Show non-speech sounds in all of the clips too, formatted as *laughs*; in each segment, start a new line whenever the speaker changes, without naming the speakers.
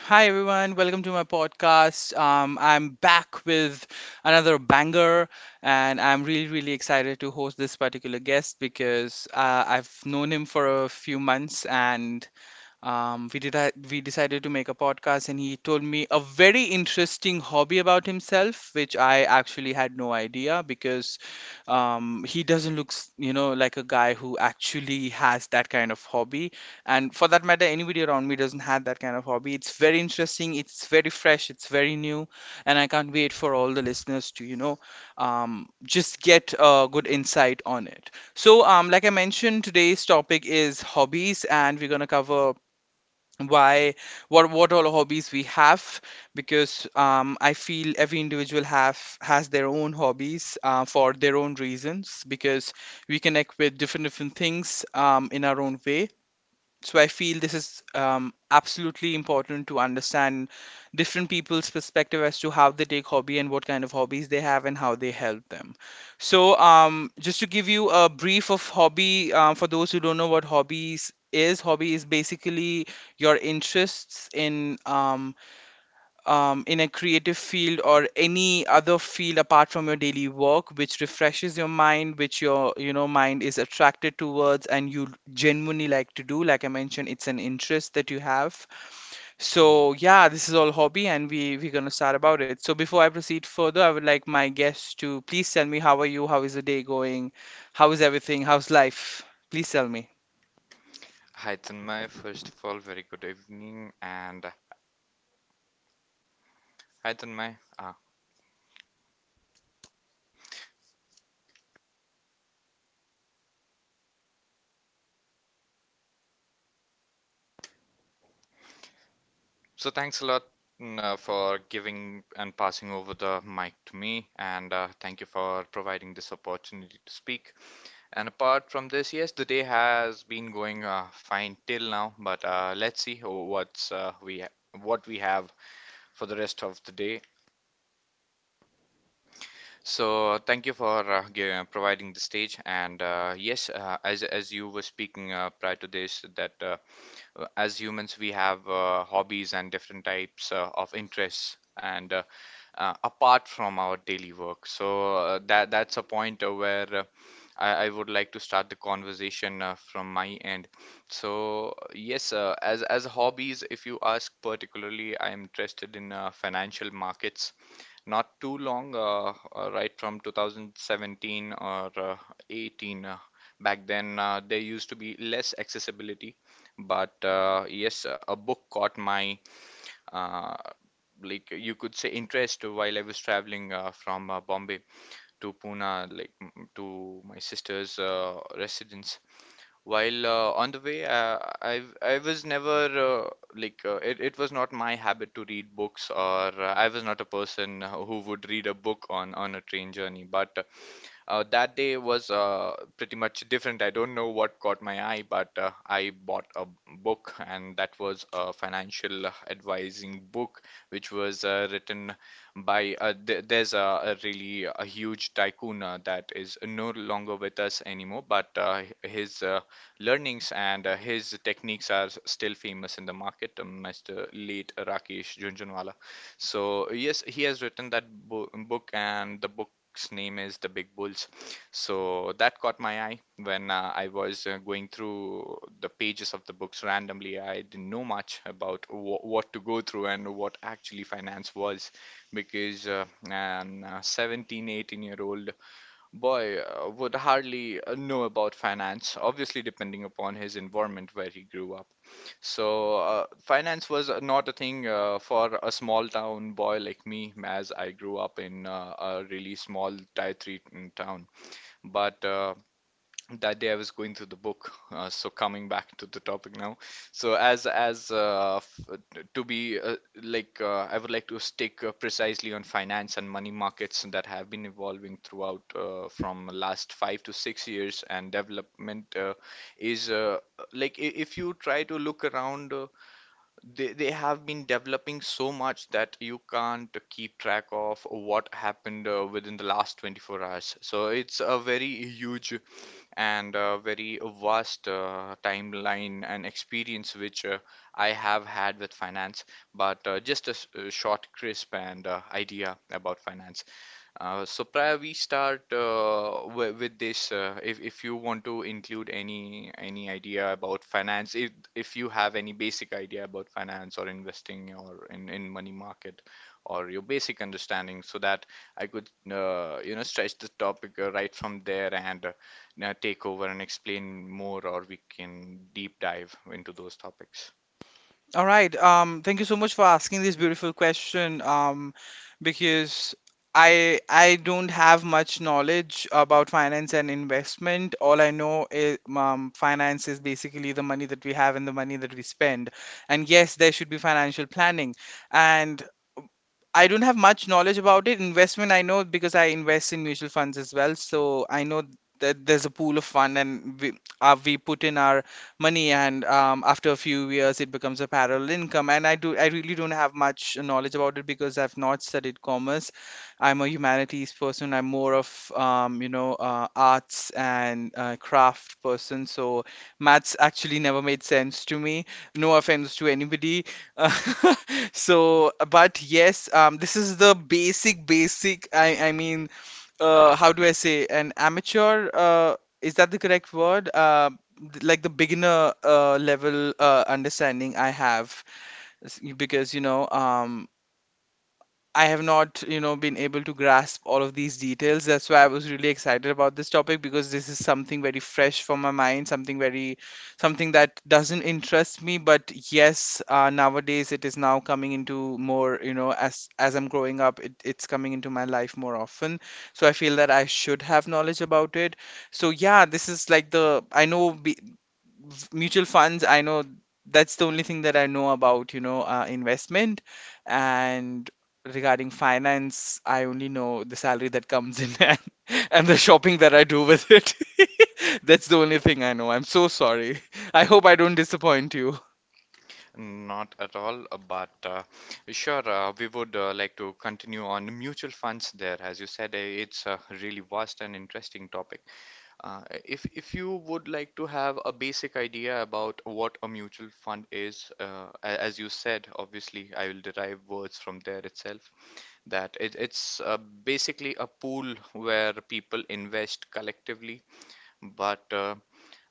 Hi everyone, welcome to my podcast. I'm back with another banger, and I'm really, really excited to host this particular guest because I've known him for a few months, and um, we did we decided to make a podcast, and he told me a very interesting hobby about himself, which I actually had no idea because he doesn't look you know, like a guy who actually has that kind of hobby. And for that matter, anybody around me doesn't have that kind of hobby. It's very interesting, it's very fresh, it's very new, and I can't wait for all the listeners to just get a good insight on it. So, like I mentioned, today's topic is hobbies, and we're gonna cover why, what all hobbies we have. Because I feel every individual have has their own hobbies, for their own reasons, because we connect with different different things in our own way. So I feel this is absolutely important to understand different people's perspective as to how they take hobby and what kind of hobbies they have and how they help them. So just to give you a brief of hobby, for those who don't know what hobbies is, hobby is basically your interests in a creative field or any other field apart from your daily work, which refreshes your mind, which your mind is attracted towards and you genuinely like to do. Like I mentioned, it's an interest that you have. So yeah, this is all hobby, and we're going to start about it. So before I proceed further, I would like my guests to please tell me, how are you? How is the day going? How is everything? How's life? Please tell me.
Hi Tanmay, first of all, very good evening and hi Tanmay. So thanks a lot for giving and passing over the mic to me, and thank you for providing this opportunity to speak. And apart from this, yes, the day has been going fine till now, but let's see what we have for the rest of the day. So thank you for providing the stage. And yes, as you were speaking prior to this, that as humans we have hobbies and different types of interests, and apart from our daily work, so that's a point where I would like to start the conversation from my end. So yes, as hobbies, if you ask particularly, I'm interested in financial markets, not too long, right from 2017 or 18. Back then, there used to be less accessibility, but yes, a book caught my, uh, like you could say, interest while I was traveling from Bombay to Pune, like to my sister's residence. While on the way, I was never, uh, like, it was not my habit to read books, or I was not a person who would read a book on a train journey. But that day was pretty much different. I don't know what caught my eye, but I bought a book, and that was a financial advising book, which was written by th there's a really a huge tycoon that is no longer with us anymore, but his learnings and his techniques are still famous in the market, Mr. late Rakesh Jhunjhunwala. So yes, he has written that bo book, and the book name is The Big Bulls. So that caught my eye when I was going through the pages of the books randomly. I didn't know much about what to go through and what actually finance was, because an 17, 18-year-old boy would hardly know about finance, obviously, depending upon his environment where he grew up. So, finance was not a thing for a small town boy like me, as I grew up in a really small tier 3 town. But that day I was going through the book. So, coming back to the topic now. So, as f to be I would like to stick precisely on finance and money markets that have been evolving throughout, from last 5 to 6 years, and development is like, if you try to look around. They have been developing so much that you can't keep track of what happened within the last 24 hours. So it's a very huge and very vast timeline and experience which I have had with finance, but just a short, crisp, and idea about finance. So prior we start, with this, if you want to include any idea about finance, if you have any basic idea about finance or investing or in money market, or your basic understanding, so that I could, stretch the topic right from there, and now take over and explain more, or we can deep dive into those topics.
All right. Thank you so much for asking this beautiful question. Because I don't have much knowledge about finance and investment. All I know is finance is basically the money that we have and the money that we spend. And yes, there should be financial planning. And I don't have much knowledge about it. Investment, I know, because I invest in mutual funds as well. So I know that there's a pool of fund, and we put in our money, and after a few years, it becomes a parallel income. And I really don't have much knowledge about it, because I've not studied commerce. I'm a humanities person. I'm more of, arts and craft person. So maths actually never made sense to me. No offense to anybody uh, *laughs* so but yes, this is the basic I mean, how do I say, an amateur, is that the correct word? Like the beginner level understanding I have. Because I have not, been able to grasp all of these details. That's why I was really excited about this topic, because this is something very fresh for my mind, something that doesn't interest me. But yes, nowadays it is now coming into more, as I'm growing up, it's coming into my life more often. So I feel that I should have knowledge about it. So yeah, this is like the I know be, mutual funds I know. That's the only thing that I know about, investment. And regarding finance, I only know the salary that comes in *laughs* and the shopping that I do with it. *laughs* That's the only thing I know. I'm so sorry. I hope I don't disappoint you.
Not at all, but sure, we would like to continue on mutual funds there. As you said, it's a really vast and interesting topic. If you would like to have a basic idea about what a mutual fund is, as you said, obviously I will derive words from there itself, that it's basically a pool where people invest collectively. But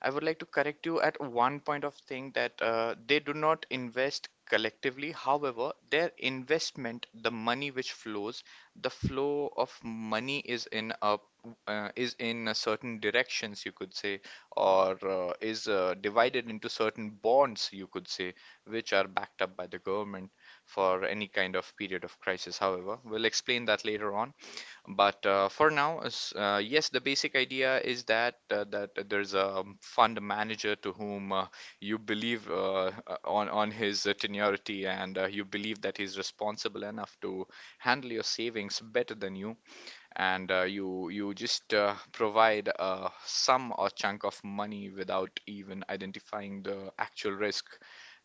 I would like to correct you at one point of thing, that they do not invest collectively. However, their investment, the money which flows, the flow of money is in a, certain directions, you could say, or is divided into certain bonds, you could say, which are backed up by the government for any kind of period of crisis. However, we'll explain that later on. But for now, yes, the basic idea is that, that there's a fund manager to whom, you believe on his tenuity, and you believe that he's responsible enough to handle your savings better than you, and you just provide a sum or chunk of money without even identifying the actual risk,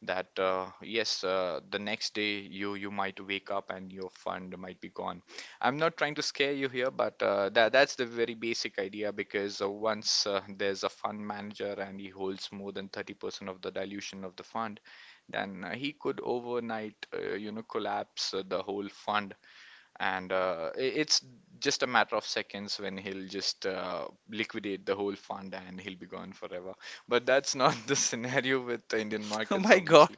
that yes, the next day you might wake up and your fund might be gone. I'm not trying to scare you here, but that's the very basic idea, because once there's a fund manager and he holds more than 30% of the dilution of the fund, then he could overnight, collapse the whole fund, and it's just a matter of seconds when he'll just liquidate the whole fund, and he'll be gone forever. But that's not the *laughs* scenario with the Indian
*laughs* Oh
markets,
my god.
obviously.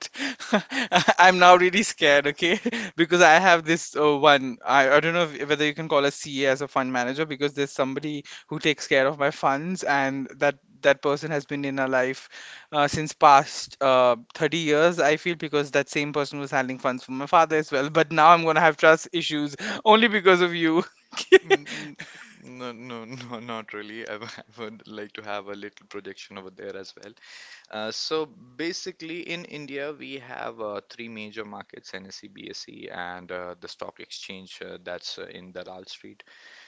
*laughs* I'm now really scared, okay? *laughs* Because I have this one. I don't know if, whether you can call a C A as a fund manager, because there's somebody who takes care of my funds, and that that person has been in our life since past 30 years, I feel, because that same person was handling funds for my father as well. But now I'm going to have trust issues only because of you.
Mm, mm. No, no, no, not really. *laughs* I would like to have a little projection over there as well. So basically, in India, we have three major markets: NSE, BSE, and the stock exchange that's in Dalal Street.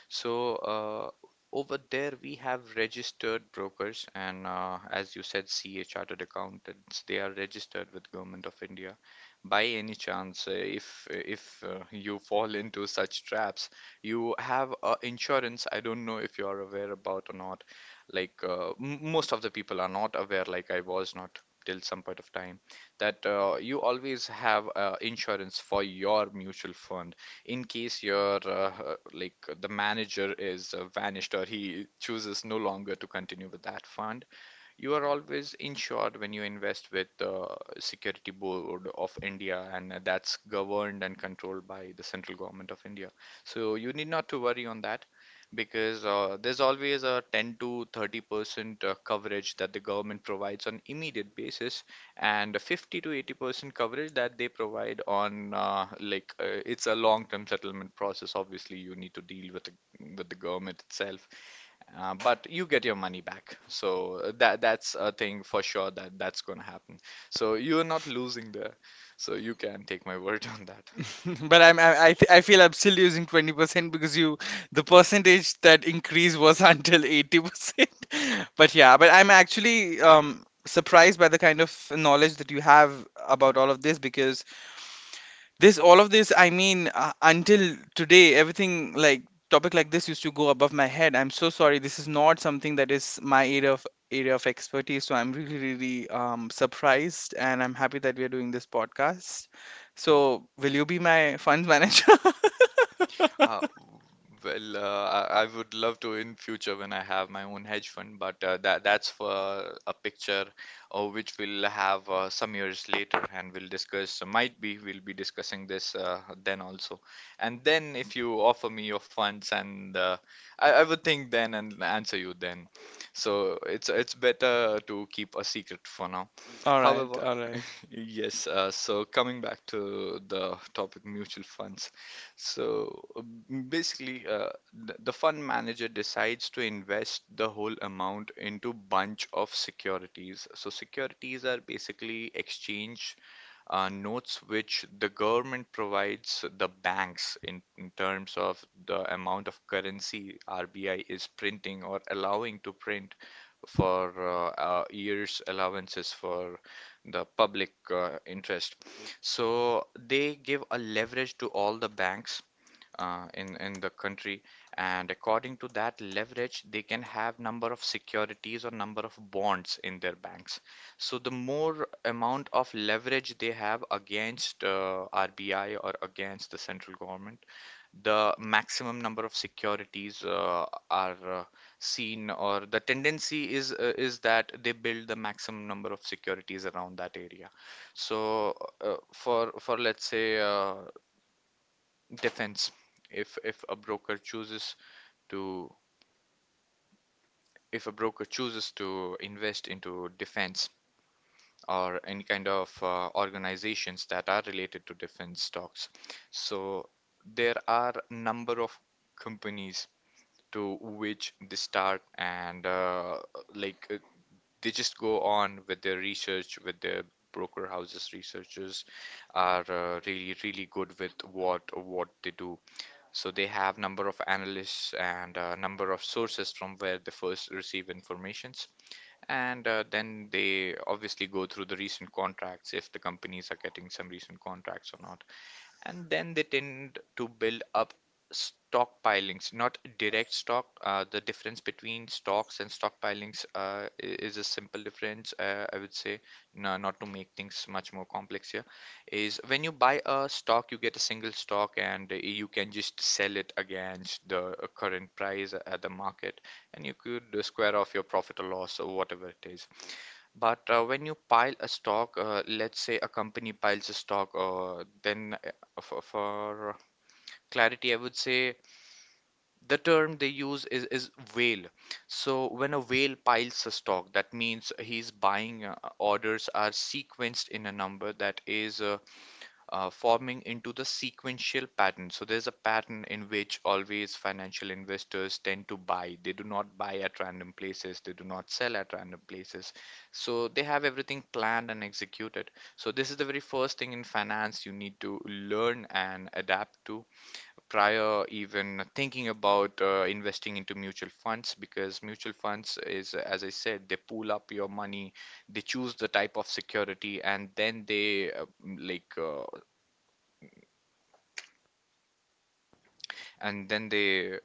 So over there we have registered brokers, and as you said, CA, Chartered Accountants. They are registered with Government of India. By any chance, if you fall into such traps, you have insurance. I don't know if you are aware about or not. Like, m most of the people are not aware, like I was not till some point of time, that you always have insurance for your mutual fund, in case your the manager is vanished, or he chooses no longer to continue with that fund. You are always insured when you invest with the Security Board of India, and that's governed and controlled by the central government of India. So you need not to worry on that, because there's always a 10 to 30% coverage that the government provides on immediate basis, and a 50 to 80% coverage that they provide on, it's a long-term settlement process. Obviously, you need to deal with the government itself, but you get your money back. So that's a thing for sure, that that's going to happen. So you're not losing there. So you can take my word *laughs* on that.
*laughs* But I feel I'm still using 20%, because you the percentage that increase was *laughs* until 80%. But yeah, but I'm actually surprised by the kind of knowledge that you have about all of this, because this all of this, I mean, until today, everything like topic like this used to go above my head. I'm so sorry, this is not something that is my area of expertise. So I'm really really surprised, and I'm happy that we are doing this podcast. So will you be my funds manager? *laughs*
Uh, well, I would love to, in future when I have my own hedge fund, but that's for a picture which we'll have some years later, and we'll discuss. Might be we'll be discussing this then also, and then if you offer me your funds, and I would think then and answer you then. So it's better to keep a secret for now.
All right,
However,
all right.
yes, so coming back to the topic, mutual funds. So basically, the fund manager decides to invest the whole amount into bunch of securities. So securities are basically exchange notes which the government provides the banks in terms of the amount of currency RBI is printing or allowing to print for years, allowances for the public interest. So they give a leverage to all the banks in the country, and according to that leverage, they can have number of securities or number of bonds in their banks. So the more amount of leverage they have against RBI or against the central government, the maximum number of securities are seen, or the tendency is that they build the maximum number of securities around that area. So For let's say defense, if a broker chooses to if a broker chooses to invest into defense or any kind of organizations that are related to defense stocks. So there are number of companies to which they start, and like uh, they just go on with their research, with their broker houses. Researchers are really good with what they do. So they have number of analysts and number of sources from where they first receive informations, and then they obviously go through the recent contracts, if the companies are getting some recent contracts or not. And then they tend to build up stockpilings, not direct stock. The difference between stocks and stockpilings, is a simple difference, I would say. No, not to make things much more complex here, is when you buy a stock you get a single stock, and you can just sell it against the current price at the market, and you could square off your profit or loss or whatever it is. But when you pile a stock, let's say a company piles a stock, then for clarity, I would say, the term they use is whale. So when a whale piles a stock, that means he's buying orders are sequenced in a number that is forming into the sequential pattern. So there's a pattern in which always financial investors tend to buy. They do not buy at random places, they do not sell at random places. So they have everything planned and executed. So this is the very first thing in finance you need to learn and adapt to, prior even thinking about investing into mutual funds, because mutual funds is, as I said, they pool up your money, they choose the type of security, and then they like uh, and then they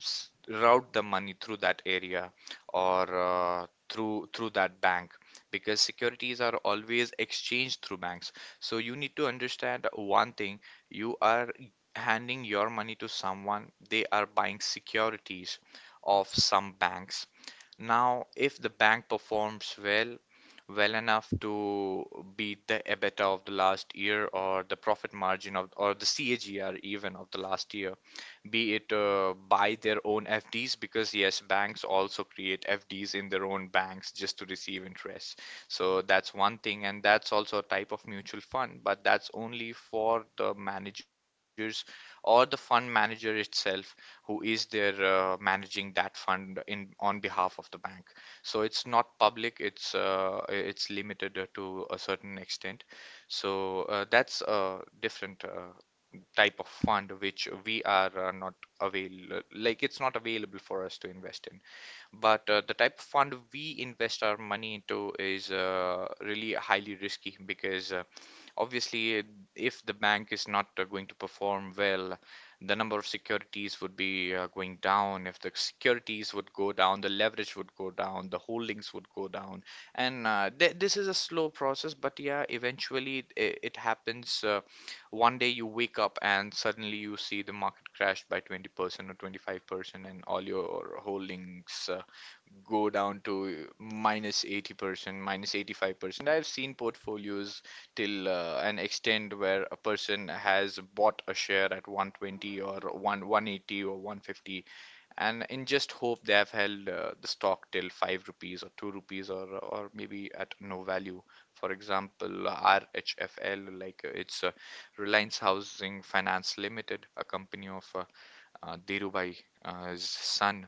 route the money through that area, or through that bank, because securities are always exchanged through banks. So you need to understand one thing, you are handing your money to someone, they are buying securities of some banks. Now, if the bank performs well, well enough to beat the EBITDA of the last year, or the profit margin of, or the CAGR even of the last year, be it buy their own FDs, because yes, banks also create FDs in their own banks just to receive interest. So that's one thing, and that's also a type of mutual fund, but that's only for the managers or the fund manager itself, who is there managing that fund in on behalf of the bank. So it's not public, it's limited to a certain extent. So that's a different type of fund which we are not avail like, it's not available for us to invest in, but the type of fund we invest our money into is really highly risky, because obviously, if the bank is not going to perform well, the number of securities would be going down. If the securities would go down, the leverage would go down, the holdings would go down. And th this is a slow process, but yeah, eventually it happens. One day you wake up and suddenly you see the market crashed by 20% or 25%, and all your holdings go down to 80%, 85%. I've seen portfolios till an extent where a person has bought a share at 120, or 1, 180, or 150, and in just hope they have held the stock till 5 rupees or 2 rupees, or maybe at no value. For example, RHFL, like it's Reliance Housing Finance Limited, a company of Dhirubhai, his son,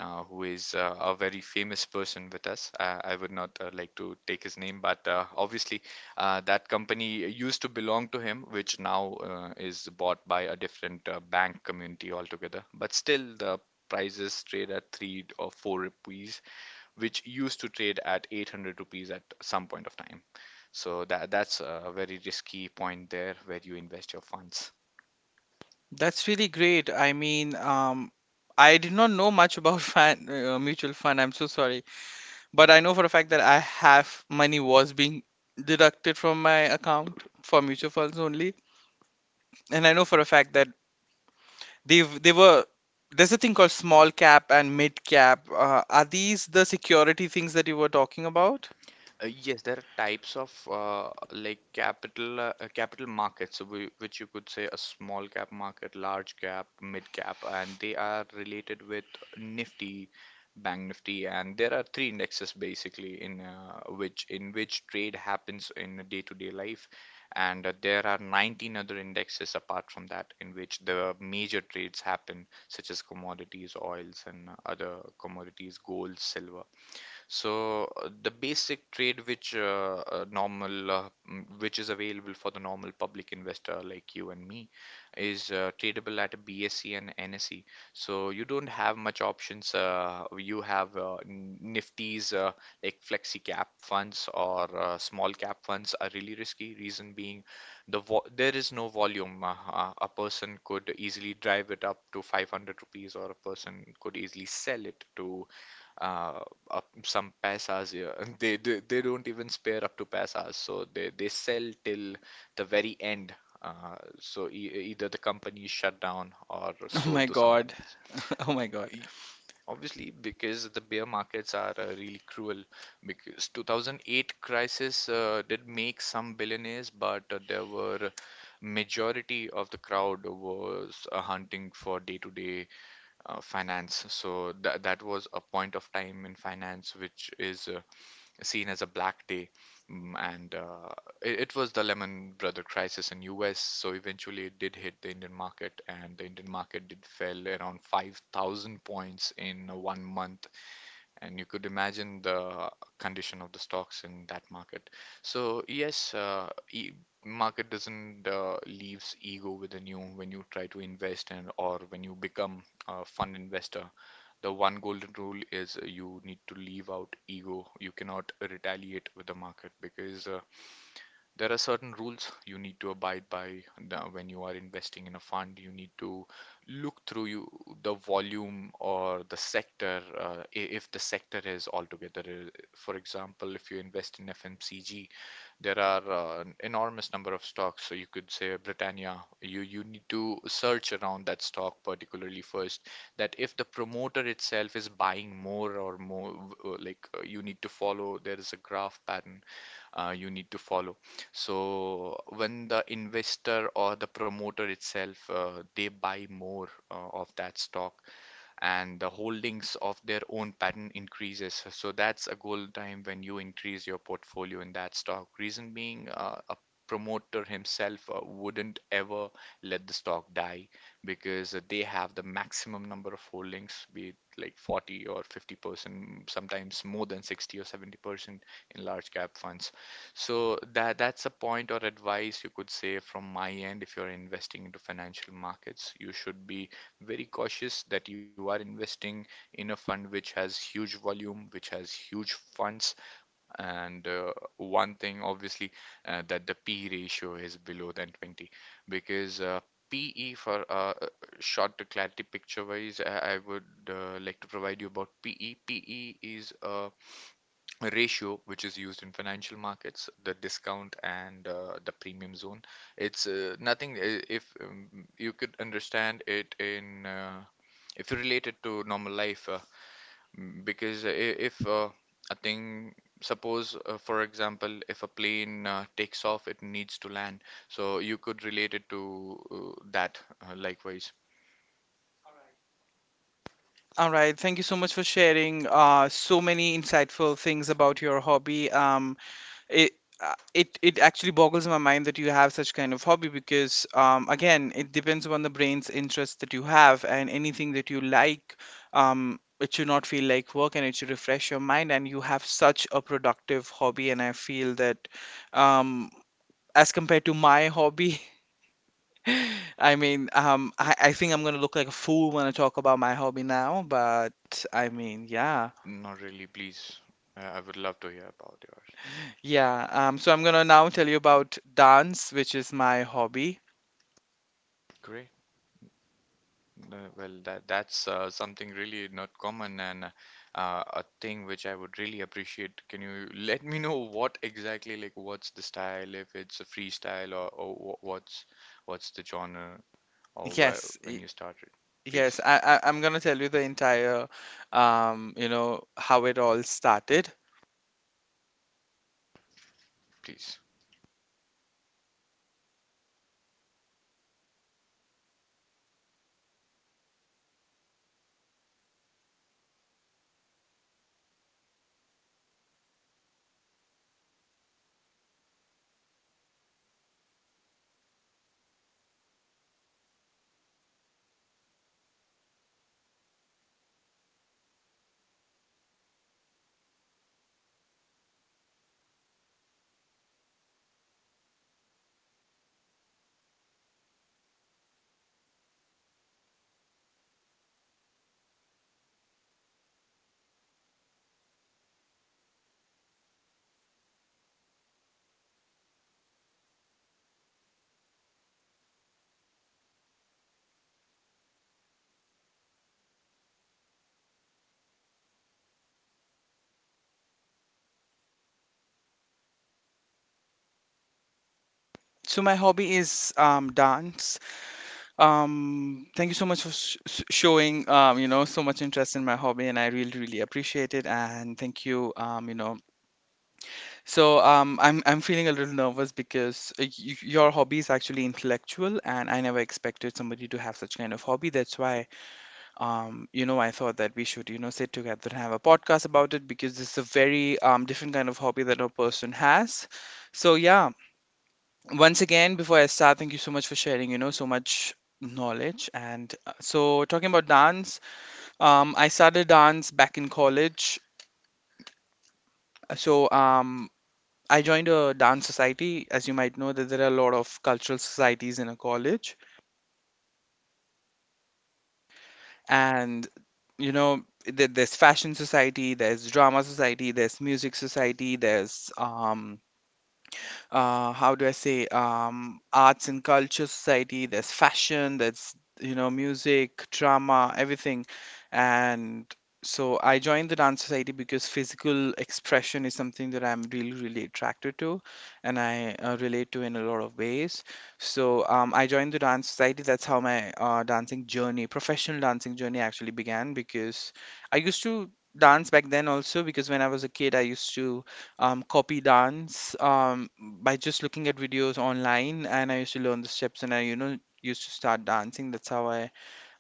who is a very famous person with us. I would not like to take his name, but obviously, that company used to belong to him, which now is bought by a different bank community altogether. But still, the prices trade at three or four rupees, which used to trade at 800 rupees at some point of time. So that's a very risky point there where you invest your funds.
That's really great. I mean, I did not know much about *laughs* mutual fund. I'm so sorry. But I know for a fact that I have money was being deducted from my account for mutual funds only, and I know for a fact that they were, there's a thing called small cap and mid cap. Are these the security things that you were talking about? *laughs*
Yes, there are types of like capital capital markets, which you could say a small cap market, large cap, mid cap, and they are related with Nifty, Bank Nifty, and there are three indexes basically in which trade happens in a day-to-day life, and there are 19 other indexes apart from that, in which the major trades happen, such as commodities, oils, and other commodities, gold, silver. So the basic trade which normal which is available for the normal public investor like you and me is tradable at a BSE and NSE. So you don't have much options. You have Nifty's like flexi cap funds, or small cap funds are really risky. Reason being, there is no volume. A person could easily drive it up to 500 rupees, or a person could easily sell it to uh, up some paisas here. *laughs* They don't even spare up to paisas, so they sell till the very end. So e either the company is shut down or
Oh my
sold to someone
god!
else.
*laughs* Oh my god!
E- e- Obviously, because the bear markets are really cruel. Because 2008 crisis did make some billionaires, but there were majority of the crowd was hunting for day-to-day finance. So that was a point of time in finance which is seen as a black day. Mm, and it was the Lehman Brother crisis in U.S. So eventually, it did hit the Indian market, and the Indian market did fell around 5,000 points in one month, and you could imagine the condition of the stocks in that market. So yes, e market doesn't leaves ego within you when you try to invest. And or when you become a fund investor, the one golden rule is you need to leave out ego. You cannot retaliate with the market, because there are certain rules you need to abide by when you are investing in a fund. You need to look through you, the volume or the sector, if the sector is altogether. For example, if you invest in FMCG, there are an enormous number of stocks. So you could say Britannia. You need to search around that stock particularly first. That if the promoter itself is buying more or more, you need to follow. There is a graph pattern you need to follow. So when the investor or the promoter itself they buy more of that stock, and the holdings of their own pattern increases. So that's a golden time when you increase your portfolio in that stock. Reason being, a promoter himself wouldn't ever let the stock die, because they have the maximum number of holdings, be it like 40 or 50%, sometimes more than 60 or 70% in large cap funds. So that's a point or advice you could say from my end. If you're investing into financial markets, you should be very cautious that you are investing in a fund which has huge volume, which has huge funds. And one thing, obviously, that the P ratio is below than 20, because PE for short clarity picture wise, I would like to provide you about PE. PE is a ratio which is used in financial markets, the discount and the premium zone. It's nothing if you could understand it in if you relate it to normal life, because if a thing, suppose for example, if a plane takes off, it needs to land, so you could relate it to that likewise.
All right, thank you so much for sharing so many insightful things about your hobby. It it it actually boggles my mind that you have such kind of hobby, because again, it depends on the brain's interest that you have, and anything that you like, it should not feel like work, and it should refresh your mind, and you have such a productive hobby. And I feel that, um, as compared to my hobby, *laughs* I mean, I think I'm going to look like a fool when I talk about my hobby now, but I mean, yeah.
Not really, please, I would love to hear about yours.
Yeah, so I'm going to now tell you about dance, which is my hobby.
Great. Well, that's something really not common, and a thing which I would really appreciate. Can you let me know what exactly, like what's the style, if it's a freestyle, or what's the genre, or where,
Yes,
when
y-
you started,
yes.
please,
I'm gonna tell you the entire, how it all started.
please.
So my hobby is dance. Thank you so much for showing so much interest in my hobby, and I really really appreciate it. And thank you you know. So I'm feeling a little nervous, because your hobby is actually intellectual, and I never expected somebody to have such kind of hobby. That's why I thought that we should, sit together and have a podcast about it, because this is a very different kind of hobby that a person has. So, yeah, once again, before I start, thank you so much for sharing, so much knowledge. And so, talking about dance, I started dance back in college. So, I joined a dance society. As you might know, that there are a lot of cultural societies in a college. And there's fashion society, there's drama society, there's music society, there's how do I say, arts and culture society. There's fashion. There's music, drama, everything, and so I joined the dance society, because physical expression is something that I'm really really attracted to, and I relate to in a lot of ways. So I joined the dance society. That's how my professional dancing journey actually began, because I used to dance back then also, because when I was a kid, I used to copy dance by just looking at videos online, and I used to learn the steps, and I used to start dancing. That's how I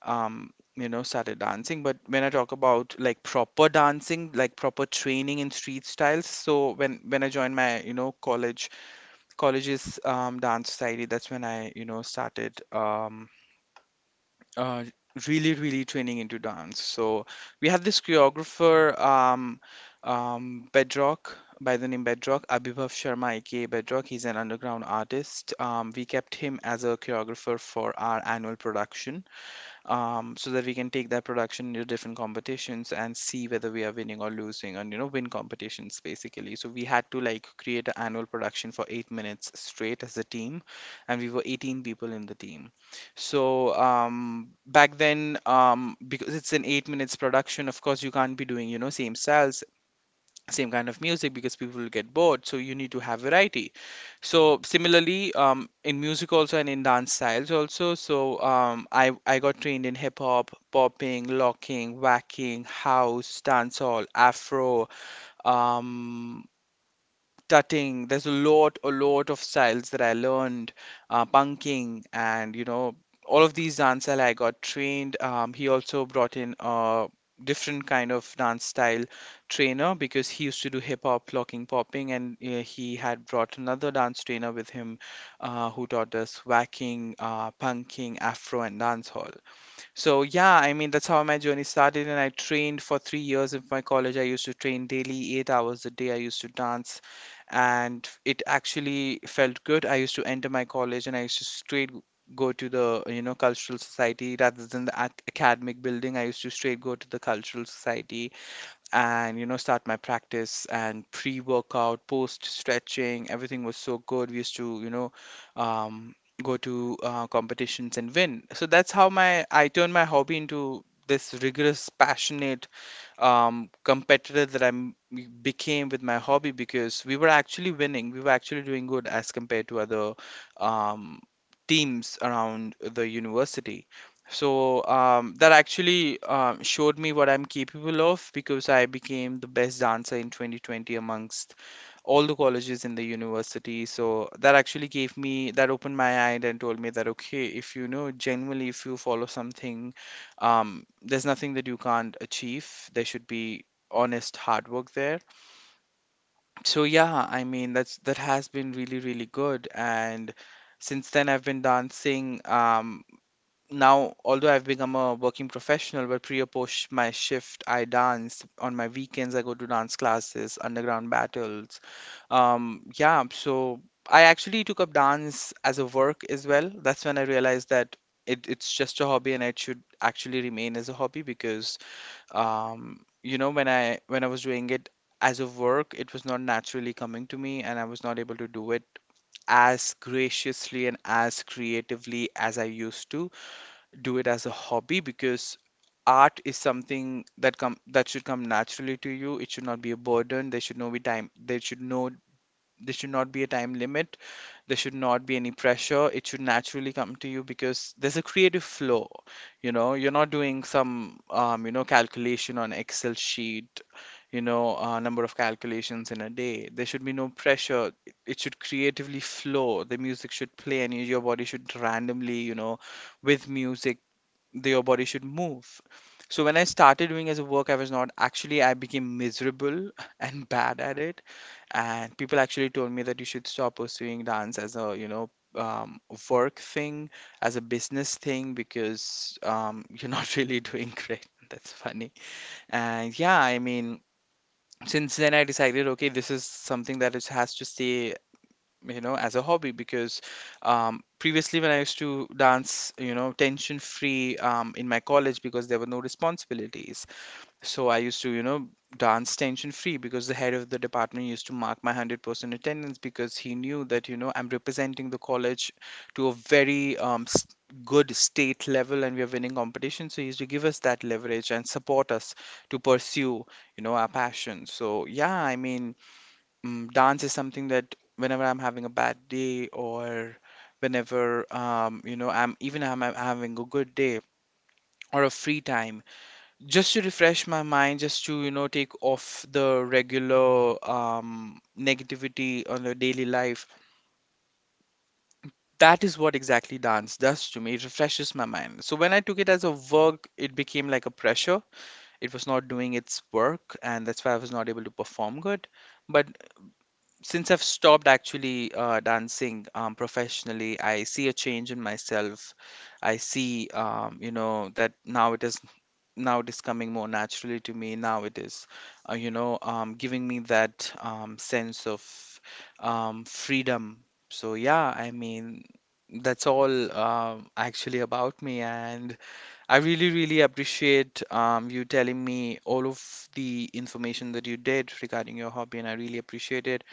um, started dancing. But when I talk about like proper dancing, like proper training in street styles, so when I joined my college's dance society, that's when I started uh, really really training into dance. So we have this choreographer, bedrock by the name bedrock, Abhibhav Sharma, aka Bedrock. He's an underground artist. We kept him as a choreographer for our annual production, so that we can take that production into different competitions and see whether we are winning or losing, and you know, win competitions basically. So we had to like create an annual production for 8 minutes straight as a team, and we were 18 people in the team. So back then, because it's an 8 minutes production, of course you can't be doing you know same styles, same kind of music, because people will get bored. So you need to have variety. So similarly, in music also and in dance styles also. So I got trained in hip hop, popping, locking, whacking, house, dancehall, afro, um, tutting. There's a lot of styles that I learned, punking, all of these dancehall. I got trained. He also brought in a different kind of dance style trainer because he used to do hip hop, locking, popping, and he had brought another dance trainer with him, who taught us whacking, punking, afro, and dancehall. So yeah, I mean that's how my journey started, and I trained for 3 years of my college. I used to train daily, 8 hours a day. I used to dance, and it actually felt good. I used to enter my college, and I used to straight go to the cultural society rather than the academic building. I used to straight go to the cultural society and start my practice and pre-workout post stretching. Everything was so good. We used to um, go to competitions and win. So that's how my I turned my hobby into this rigorous, passionate, competitive became with my hobby, because we were actually winning. We were actually doing good as compared to other um, teams around the university. So that actually showed me what I'm capable of, because I became the best dancer in 2020 amongst all the colleges in the university. So that actually gave me, that opened my eye and told me that okay, if genuinely if you follow something, there's nothing that you can't achieve. There should be honest hard work there. So yeah, I mean that has been really really good. And since then I've been dancing. Now although I've become a working professional, but pre or post my shift I dance. On my weekends I go to dance classes, underground battles. Yeah so I actually took up dance as a work as well. That's when I realized that it's just a hobby and it should actually remain as a hobby, because when I was doing it as a work, it was not naturally coming to me and I was not able to do it as graciously and as creatively as I used to do it as a hobby, because art is something that should come naturally to you. It should not be a burden. There should no be time, there should not be a time limit, there should not be any pressure. It should naturally come to you, because there's a creative flow. You know, you're not doing some calculation on excel sheet, number of calculations in a day. There should be no pressure. It should creatively flow. The music should play and your body should randomly, you know, with music, your body should move. So when I started doing as a work, I was not actually. I became miserable *laughs* and bad at it, and people actually told me that you should stop pursuing dance as a um, work thing, as a business thing, because you're not *laughs* really doing great. *laughs* That's funny. And yeah, I mean, since then I decided, okay, this is something that is, has to stay, you know, as a hobby, because previously when I used to dance, you know, tension free, in my college, because there were no responsibilities. So I used to, you know, dance tension free, because the head of the department used to mark my 100% attendance, because he knew that you know I'm representing the college to a very good state level and we are winning competition. So he used to give us that leverage and support us to pursue, you know, our passion. So yeah, I mean, dance is something that whenever I'm having a bad day or whenever, you know, I'm, I'm having a good day or a free time, just to refresh my mind, just to, you know, take off the regular negativity on the daily life. That is what exactly dance does to me. It refreshes my mind. So when I took it as a work, it became like a pressure. It was not doing its work and that's why I was not able to perform good. But since I've stopped actually dancing professionally, I see a change in myself. I see, that now it is coming more naturally to me. Now it is, giving me that sense of freedom. So yeah, I mean, that's all, actually, about me. And I really, really appreciate, you telling me all of the information that you did regarding your hobby, and I really appreciate it.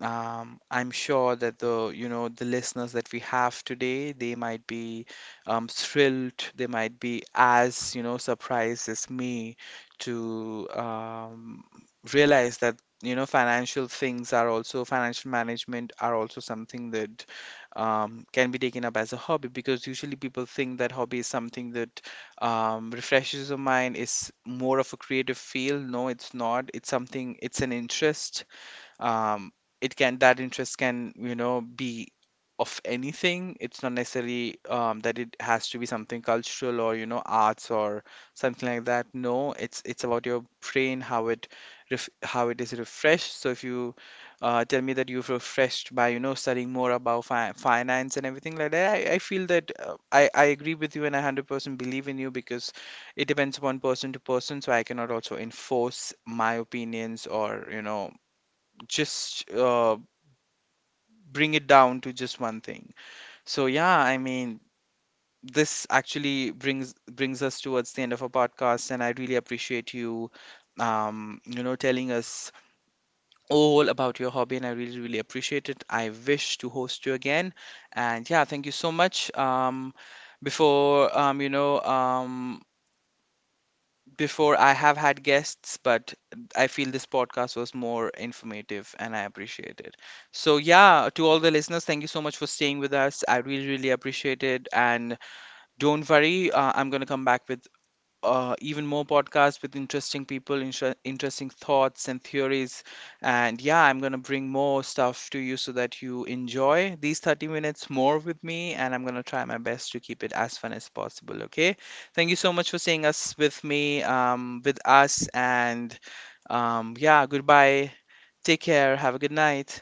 I'm sure that the you know the listeners that we have today, they might be thrilled, they might be as, you know, surprised as me, to realize that, you know, financial things are also, financial management are also, something that can be taken up as a hobby. Because usually people think that hobby is something that refreshes your mind, is more of a creative field. No, it's not. It's something, it's an interest. um, it can, that interest can, you know, be of anything. It's not necessarily that it has to be something cultural or, you know, arts or something like that. No, it's about your brain, how it how it is refreshed. So if you tell me that you've refreshed by, you know, studying more about finance and everything like that, I feel that I agree with you, and I 100% believe in you, because it depends upon person to person. So I cannot also enforce my opinions or, you know, just bring it down to just one thing. So yeah, I mean, this actually brings us towards the end of our podcast, and I really appreciate you, telling us all about your hobby, and I really really appreciate it. I wish to host you again, and yeah, thank you so much. Before um, you know, um, Before I have had guests, but I feel this podcast was more informative and I appreciate it. So, yeah, to all the listeners, thank you so much for staying with us. I really, really appreciate it. And don't worry, I'm going to come back with even more podcasts with interesting people, interesting thoughts and theories. And yeah, I'm going to bring more stuff to you so that you enjoy these 30 minutes more with me. And I'm going to try my best to keep it as fun as possible. Okay. Thank you so much for seeing us with me, with us. And yeah, goodbye. Take care. Have a good night.